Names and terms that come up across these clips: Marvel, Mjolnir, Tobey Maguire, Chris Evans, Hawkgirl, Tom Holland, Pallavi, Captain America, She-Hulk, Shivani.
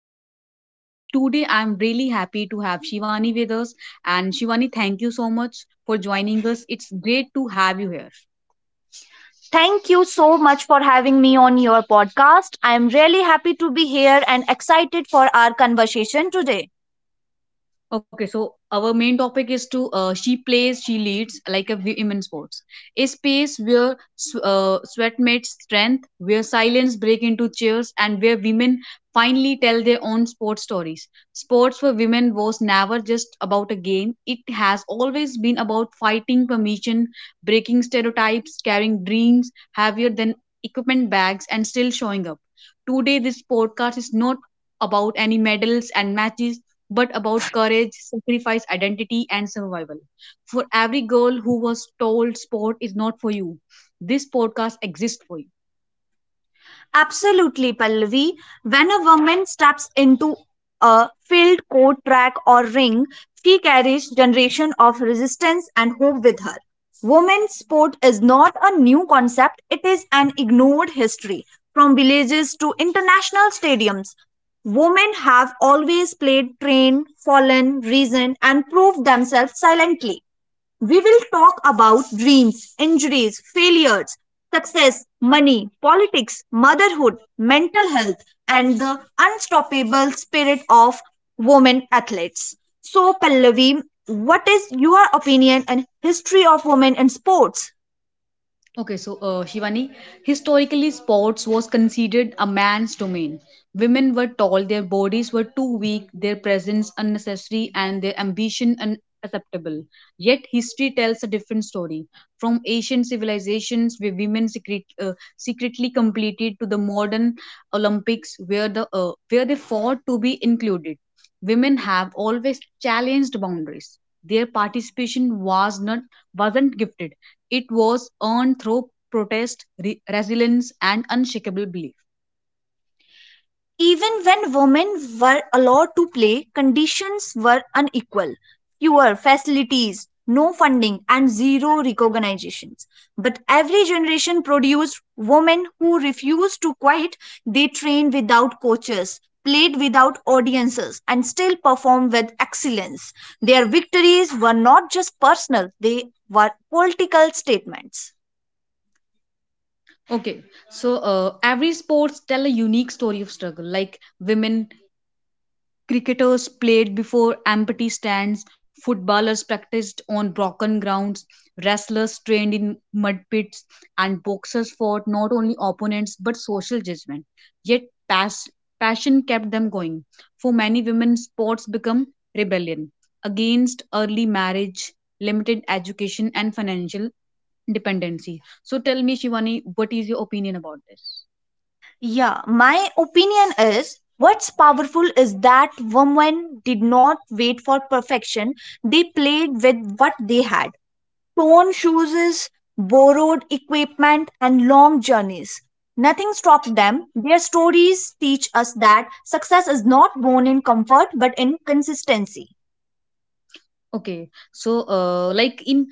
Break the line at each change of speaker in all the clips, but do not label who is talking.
back to our podcast. Today I'm really happy to have Shivani with us and Shivani thank you so much for joining us. It's great to have you here.
Thank you so much for having me on your podcast. I am really happy to be here and excited for our conversation today.
Okay, so our main topic is to she plays, she leads like a women sports. A space where sweat meets strength, where silence break into cheers, and where women finally tell their own sports stories. Sports for women was never just about a game. It has always been about fighting permission, breaking stereotypes, carrying dreams heavier than equipment bags, and still showing up. Today, this podcast is not about any medals and matches but about courage, sacrifice, identity, and survival. For every girl who was told sport is not for you, this podcast exists for you.
Absolutely, Pallavi. When a woman steps into a field, court, track, or ring, she carries generation of resistance and hope with her. Women's sport is not a new concept; it is an ignored history. From villages to international stadiums, women have always played, trained, fallen, reasoned, and proved themselves silently. We will talk about dreams, injuries, failures, success, money, politics, motherhood, mental health, and the unstoppable spirit of women athletes. So, Pallavi, what is your opinion and history of women in sports?
Okay, so Shivani, historically, sports was considered a man's domain. Women were tall, their bodies were too weak, their presence unnecessary, and their ambition unacceptable. Yet, history tells a different story. From ancient civilizations, where secretly competed, to the modern Olympics, where the where they fought to be included. Women have always challenged boundaries. Their participation wasn't gifted. It was earned through protest, resilience, and unshakable belief.
Even when women were allowed to play, conditions were unequal. Fewer facilities, no funding, and zero recognitions. But every generation produced women who refused to quit. They trained without coaches, played without audiences, and still performed with excellence. Their victories were not just personal, they were political statements.
Okay, so every sports tell a unique story of struggle. Like women Cricketers played before empty stands, footballers practiced on broken grounds, wrestlers trained in mud pits, and boxers fought not only opponents but social judgment. Yet pas- passion kept them going. For many women, sports become rebellion against early marriage, limited education, and financial dependency. So tell me, Shivani, what is your opinion about this?
Yeah, my opinion is what's powerful is that women did not wait for perfection. They played with what they had torn shoes, borrowed equipment, and long journeys. Nothing stopped them. Their stories teach us that success is not born in comfort but in consistency.
Okay, so like in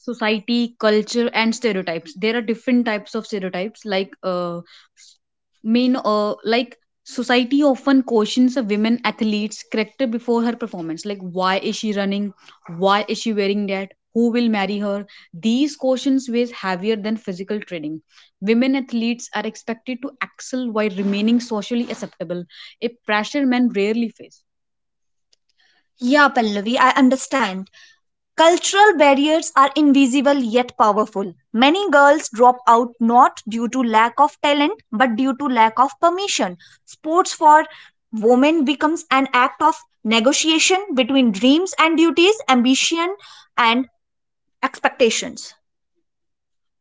society, culture, and stereotypes, there are different types of stereotypes. Like s- main like society often questions a women athlete's character before her performance. Like why is she running? Why is she wearing that? Who will marry her? These questions weigh heavier than physical training. Women athletes are expected to excel while remaining socially acceptable, a pressure men rarely face.
Yeah, Pallavi, I understand. Cultural barriers are invisible yet powerful. Many girls drop out not due to lack of talent but due to lack of permission. Sports for women becomes an act of negotiation between dreams and duties, ambition and expectations.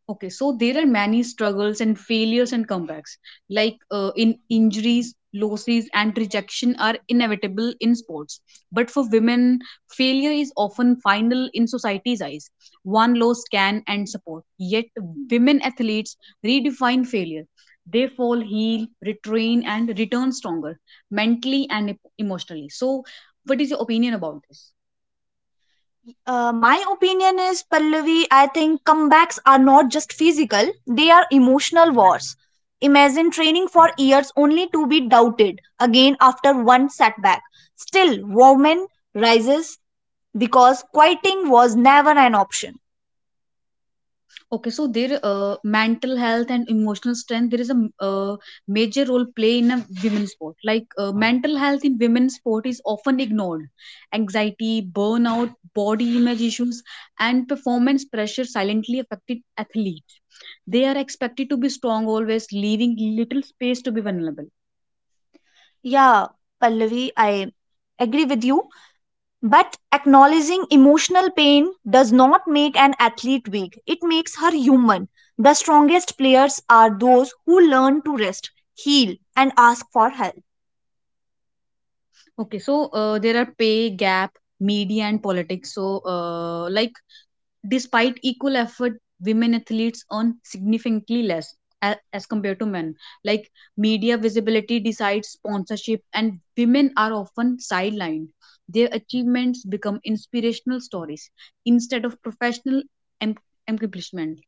Okay, so there are many struggles and failures and comebacks. Like in injuries, losses, and rejection are inevitable in sports. But for women, failure is often final in society's eyes. One loss can end support. Yet, women athletes redefine failure. They fall, heal, retrain, and return stronger mentally and emotionally. So, what is your opinion about this?
My opinion is, Pallavi, I think comebacks are not just physical, they are emotional wars. Imagine training for years only to be doubted again after one setback. Still, woman rises because quieting was never an option.
Okay, so their mental health and emotional strength, there is a major role play in a women's sport. Like mental health in women's sport is often ignored. Anxiety, burnout, body image issues, and performance pressure silently affected athletes. They are expected to be strong always, leaving little space to be vulnerable.
Yeah, Pallavi, I agree with you. But acknowledging emotional pain does not make an athlete weak, it makes her human. The strongest players are those who learn to rest, heal, and ask for help.
Okay, so there are pay gap, media, and politics. So, like despite equal effort, women athletes earn significantly less as compared to men. Like media visibility decides sponsorship, and women are often sidelined. Their achievements become inspirational stories instead of professional em- accomplishment.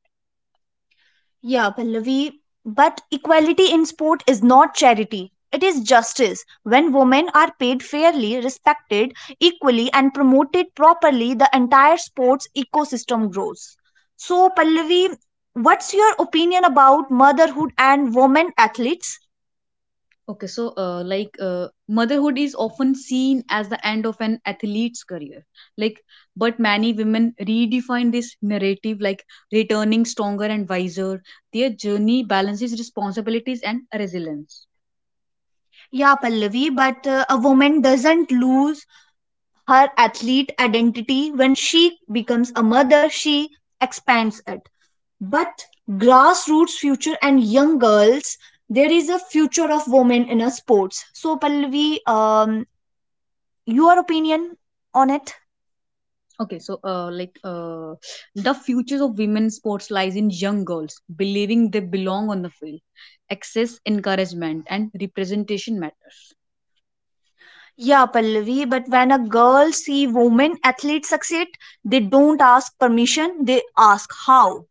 Yeah, Pallavi, but equality in sport is not charity. It is justice. When women are paid fairly, respected equally, and promoted properly, the entire sports ecosystem grows. So, Pallavi, what's your opinion about motherhood and women athletes?
Okay, so motherhood is often seen as the end of an athlete's career. Like, but many women redefine this narrative, like returning stronger and wiser. Their journey balances responsibilities and resilience.
Yeah, Pallavi, but a woman doesn't lose her athlete identity. When she becomes a mother, she expands it. But grassroots future and young girls, there is a future of women in a sports. So, Pallavi, your opinion on it?
Okay, so the futures of women's sports lies in young girls believing they belong on the field. Access, encouragement, and representation matters.
Yeah, Pallavi, but when a girl see women athletes succeed, they don't ask permission, they ask how.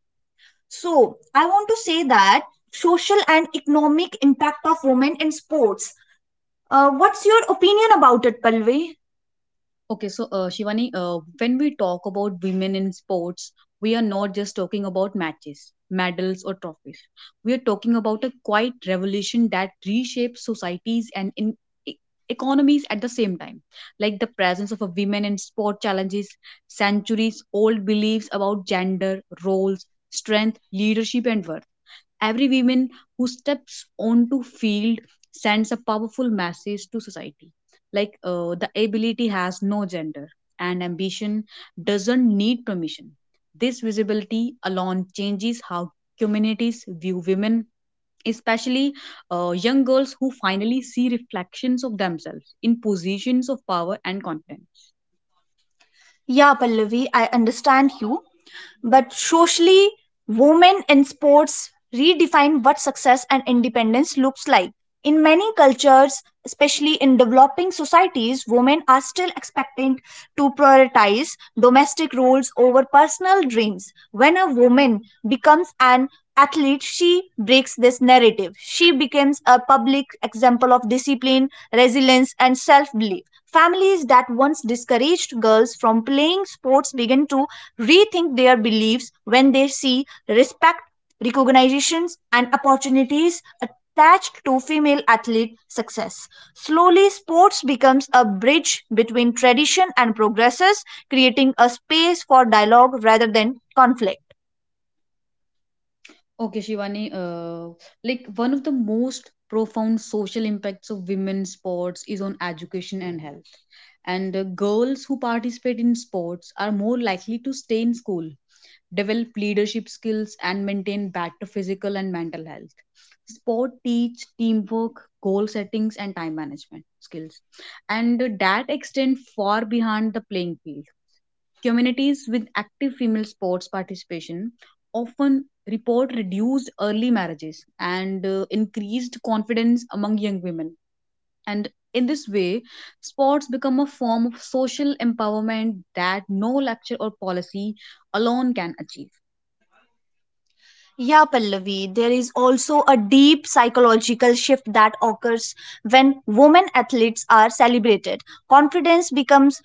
So, I want to say that social and economic impact of women in sports. What's your opinion about it, Pallavi?
Okay, so Shivani, when we talk about women in sports, we are not just talking about matches, medals, or trophies. We are talking about a quiet revolution that reshapes societies and e- economies at the same time. Like the presence of a women in sport challenges centuries old beliefs about gender, roles, strength, leadership, and worth. Every woman who steps onto field sends a powerful message to society. Like the ability has no gender and ambition doesn't need permission. This visibility alone changes how communities view women, especially young girls who finally see reflections of themselves in positions of power and confidence.
Yeah, Pallavi, I understand you. But socially, women in sports redefine what success and independence looks like. In many cultures, especially in developing societies, women are still expected to prioritize domestic roles over personal dreams. When a woman becomes an athlete, she breaks this narrative. She becomes a public example of discipline, resilience, and self belief. Families that once discouraged girls from playing sports begin to rethink their beliefs when they see respect, recognitions, and opportunities attached to female athlete success. Slowly, sports becomes a bridge between tradition and progresses, creating a space for dialogue rather than conflict.
Okay, Shivani, like one of the most profound social impacts of women's sports is on education and health. And girls who participate in sports are more likely to stay in school, develop leadership skills, and maintain better physical and mental health. Sport teach teamwork, goal settings, and time management skills, and that extend far behind the playing field. Communities with active female sports participation often report reduced early marriages and increased confidence among young women. And in this way, sports become a form of social empowerment that no lecture or policy alone can achieve.
Yeah, Pallavi, there is also a deep psychological shift that occurs when women athletes are celebrated. Confidence becomes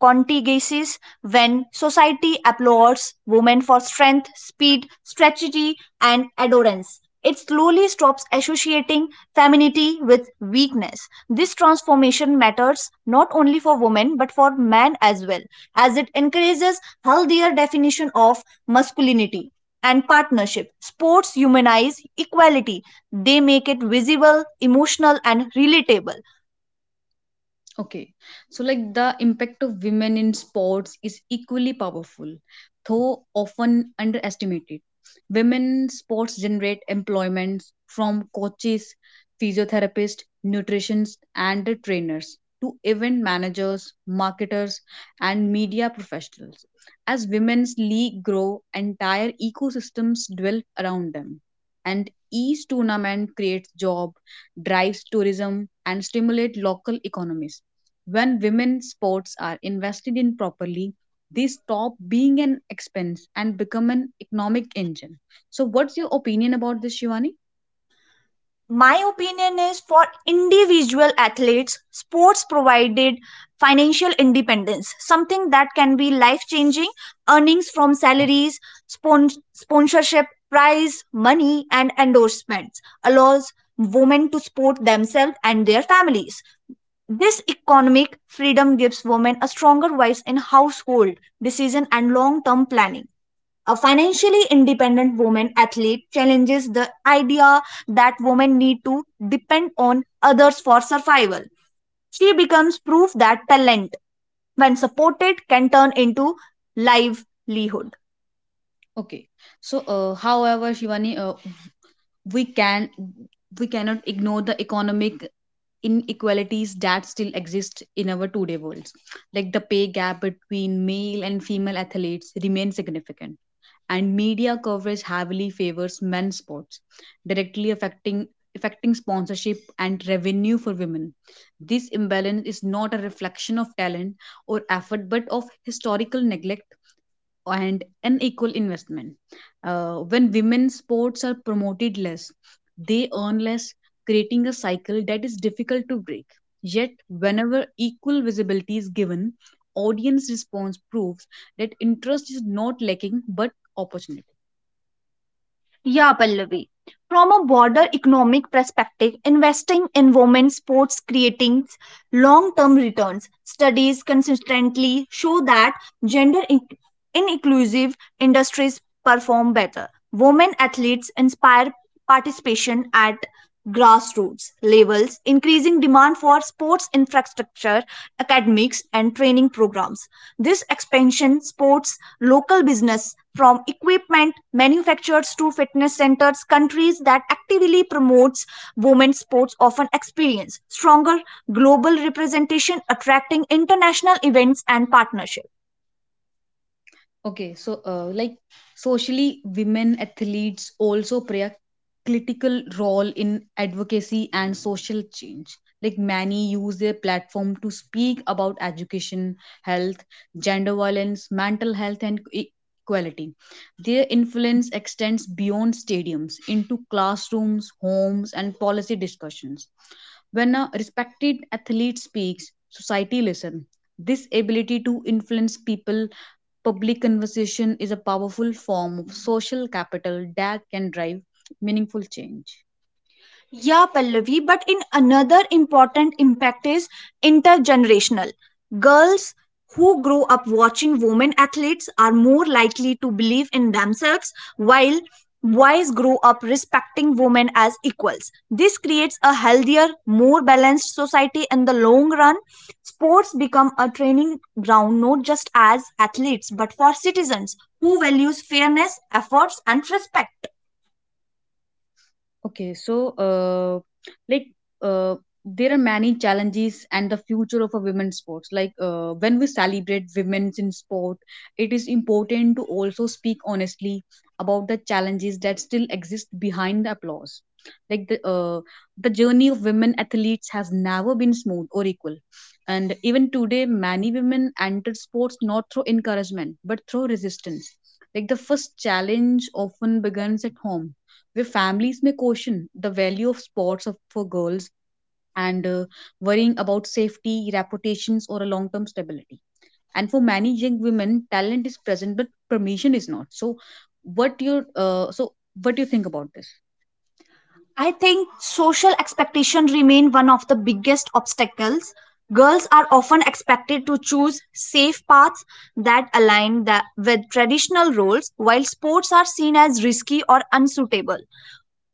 contiguous when society applauds women for strength, speed, strategy, and endurance. It slowly stops associating femininity with weakness. This transformation matters not only for women but for men as well, as it encourages healthier definition of masculinity and partnership. Sports humanize equality. They make it visible, emotional, and relatable.
Okay, so like the impact of women in sports is equally powerful, though often underestimated. Women sports generate employment from coaches, physiotherapists, nutritionists, and trainers to event managers, marketers, and media professionals. As women's league grow, entire ecosystems develop around them, and each tournament creates job, drives tourism, and stimulate local economies when women's sports are invested in properly, they stop being an expense and become an economic engine. So, what's your opinion about this, Shivani?
My opinion is for individual athletes sports provided financial independence, something that can be life changing. Earnings from salaries, sponsorship, prize money, and endorsements allows women to support themselves and their families. This economic freedom gives women a stronger voice in household decision and long term planning. A financially independent woman athlete challenges the idea that women need to depend on others for survival. She becomes proof that talent, when supported, can turn into livelihood.
Okay. So, however, Shivani, we can we cannot ignore the economic inequalities that still exist in our today worlds. Like the pay gap between male and female athletes remains significant and media coverage heavily favors men's sports directly affecting sponsorship and revenue for women. This imbalance is not a reflection of talent or effort but of historical neglect and unequal investment. When women's sports are promoted less, they earn less, creating a cycle that is difficult to break. Yet, whenever equal visibility is given, audience response proves that interest is not lacking but opportunity.
Yeah, Pallavi. From a broader economic perspective, investing in women's sports creating long term returns. Studies consistently show that gender inclusive industries perform better. Women athletes inspire participation at grassroots levels, increasing demand for sports infrastructure, academics, and training programs. This expansion supports local business from equipment manufacturers to fitness centers. Countries that actively promotes women's sports often experience stronger global representation, attracting international events and partnerships.
Okay, so like socially, women athletes also play a critical role in advocacy and social change. Like many use their platform to speak about education, health, gender violence, mental health, and equality. Their influence extends beyond stadiums into classrooms, homes, and policy discussions. When a respected athlete speaks, society listens. This ability to influence people public conversation is a powerful form of social capital that can drive meaningful change.
Yeah, Pallavi, but in another important impact is intergenerational. Girls who grow up watching women athletes are more likely to believe in themselves, while boys grow up respecting women as equals. This creates a healthier, more balanced society in the long run. Sports become a training ground not just as athletes but for citizens who values fairness, efforts and respect.
Okay, so like uh, there are many challenges and the future of a women's sports. Like when we celebrate women's in sport, it is important to also speak honestly about the challenges that still exist behind the applause. Like the journey of women athletes has never been smooth or equal, and even today, many women enter sports not through encouragement but through resistance. Like the first challenge often begins at home where families may question the value of sports of, for girls and worrying about safety, reputations, or a long term stability. And for many young women, talent is present, but permission is not. So, what you uh, so what do you think about this?
I think social expectation remain one of the biggest obstacles. Girls are often expected to choose safe paths that with traditional roles, while sports are seen as risky or unsuitable.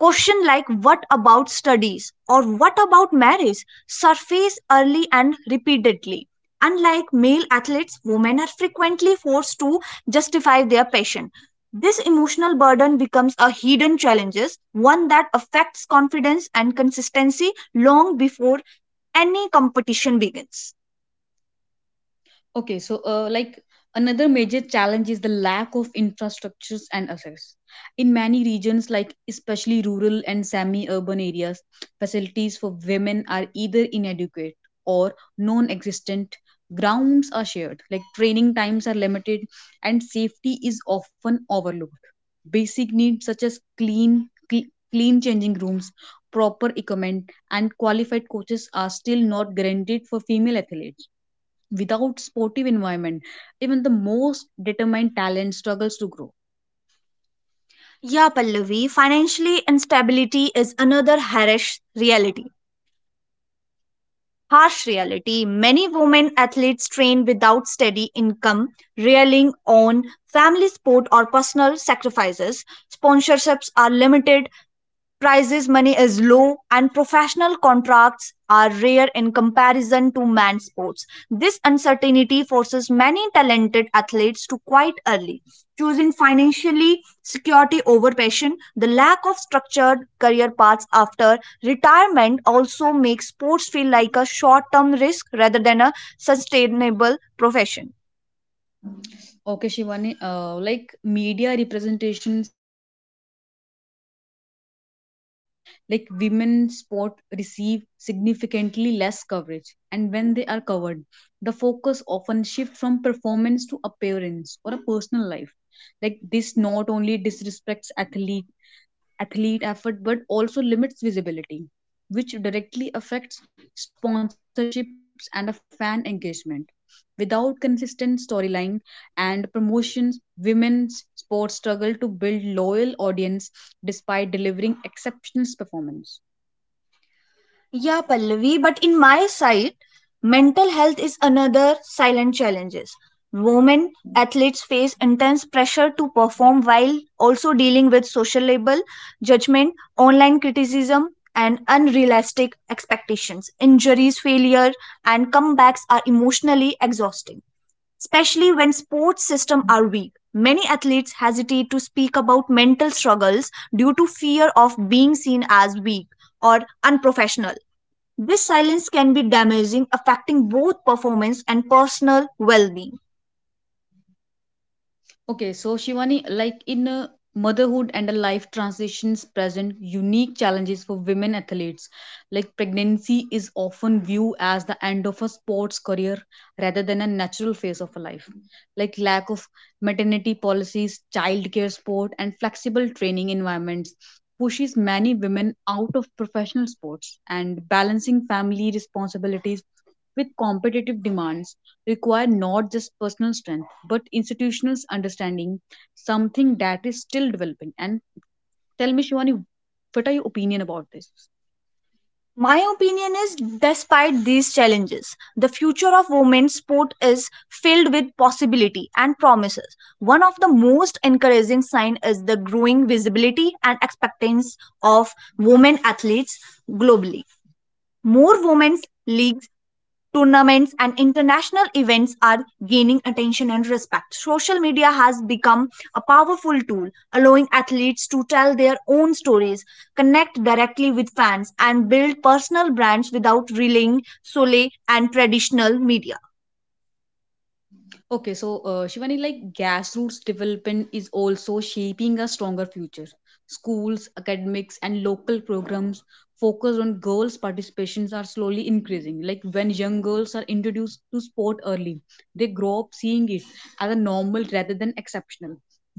Question like what about studies or what about marriage surface early and repeatedly. Unlike male athletes, women are frequently forced to justify their passion. This emotional burden becomes a hidden challenge, one that affects confidence and consistency long before any competition begins.
Okay, so like another major challenge is the lack of infrastructures and assets. In many regions, like especially rural and semi urban areas, facilities for women are either inadequate or non existent. Grounds are shared, like training times are limited, and safety is often overlooked. Basic needs such as clean changing rooms, proper equipment, and qualified coaches are still not guaranteed for female athletes. Without sportive environment, even the most determined talent struggles to grow.
Yeah, Pallavi, financially instability is another harsh reality. Harsh reality, many women athletes train without steady income, relying on family support or personal sacrifices. Sponsorships are limited, prices money is low, and professional contracts are rare in comparison to manned sports. This uncertainty forces many talented athletes to quit early, choosing financially security over passion. The lack of structured career paths after retirement also makes sports feel like a short-term risk rather than a sustainable profession.
Okay, Shivani, like media representations continues to be a critical challenge for every woman. Like women sport receive significantly less coverage, and when they are covered, the focus often shifts from performance to appearance or a personal life. Like this not only disrespects athlete effort but also limits visibility which directly affects sponsorships and a fan engagement. Without consistent storyline and promotions, women's sports struggle to build loyal audience despite delivering exceptional performance.
Yeah, Pallavi, but in my side, mental health is another silent challenges. Women athletes face intense pressure to perform while also dealing with social label, judgment, online criticism, and unrealistic expectations. Injuries, failure, and comebacks are emotionally exhausting especially when sports systems are weak. Many athletes hesitate to speak about mental struggles due to fear of being seen as weak or unprofessional. This silence can be damaging, affecting both performance and personal well being.
Okay, so Shivani, like in a motherhood and a life transitions present unique challenges for women athletes. Like pregnancy is often viewed as the end of a sports career rather than a natural phase of a life, like lack of maternity policies, childcare support, and flexible training environments pushes many women out of professional sports and balancing family responsibilities with competitive demands require not just personal strength but institutional understanding, something that is still developing. And tell me Shivani, what are your opinion about this?
My opinion is, despite these challenges, the future of women's sport is filled with possibility and promises. One of the most encouraging signs is the growing visibility and acceptance of women athletes globally. More women's leagues, tournaments, and international events are gaining attention and respect. Social media has become a powerful tool, allowing athletes to tell their own stories, connect directly with fans, and build personal brands without relying solely on traditional media.
Okay, so Shivani, like grassroots development is also shaping a stronger future. Schools, academics, and local programs focused on girls' participations are slowly increasing. Like when young girls are introduced to sport early, they grow up seeing it as a normal rather than exceptional.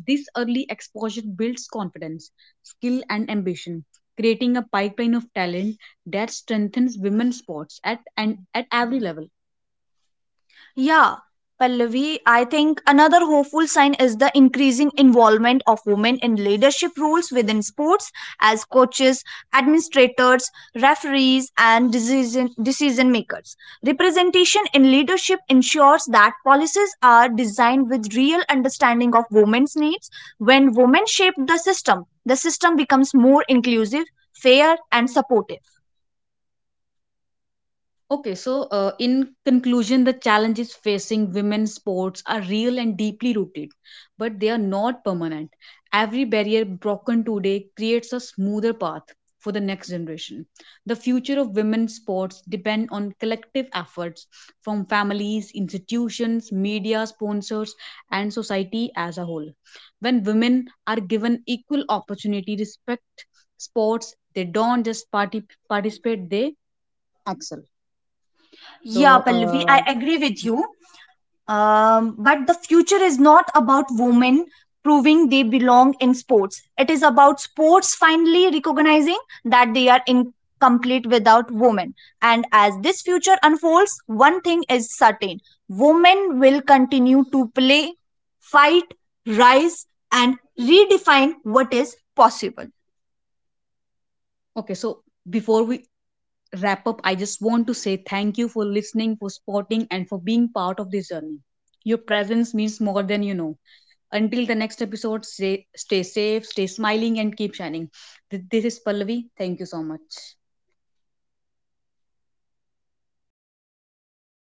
This early exposure builds confidence, skill, and ambition, creating a pipeline of talent that strengthens women's sports at every level.
Yeah, Pallavi, I think another hopeful sign is the increasing involvement of women in leadership roles within sports as coaches, administrators, referees, and decision makers. Representation in leadership ensures that policies are designed with real understanding of women's needs. When women shape the system becomes more inclusive, fair, and supportive.
Okay, so in conclusion, the challenges facing women's sports are real and deeply rooted, but they are not permanent. Every barrier broken today creates a smoother path for the next generation. The future of women's sports depend on collective efforts from families, institutions, media, sponsors, and society as a whole. When women are given equal opportunity, respect sports, they don't just participate, they excel.
Yeah,
So,
Pallavi, I
uh,
agree with you. But the future is not about women proving they belong in sports. It is about sports finally recognizing that they are incomplete without women. And as this future unfolds, one thing is certain, women will continue to play, fight, rise, and redefine what is possible.
okay, so before we wrap up, I just want to say thank you for listening, for supporting, and for being part of this journey. Your presence means more than you know. Until the next episode, stay safe, stay smiling, and keep shining. This is Pallavi. Thank you so much.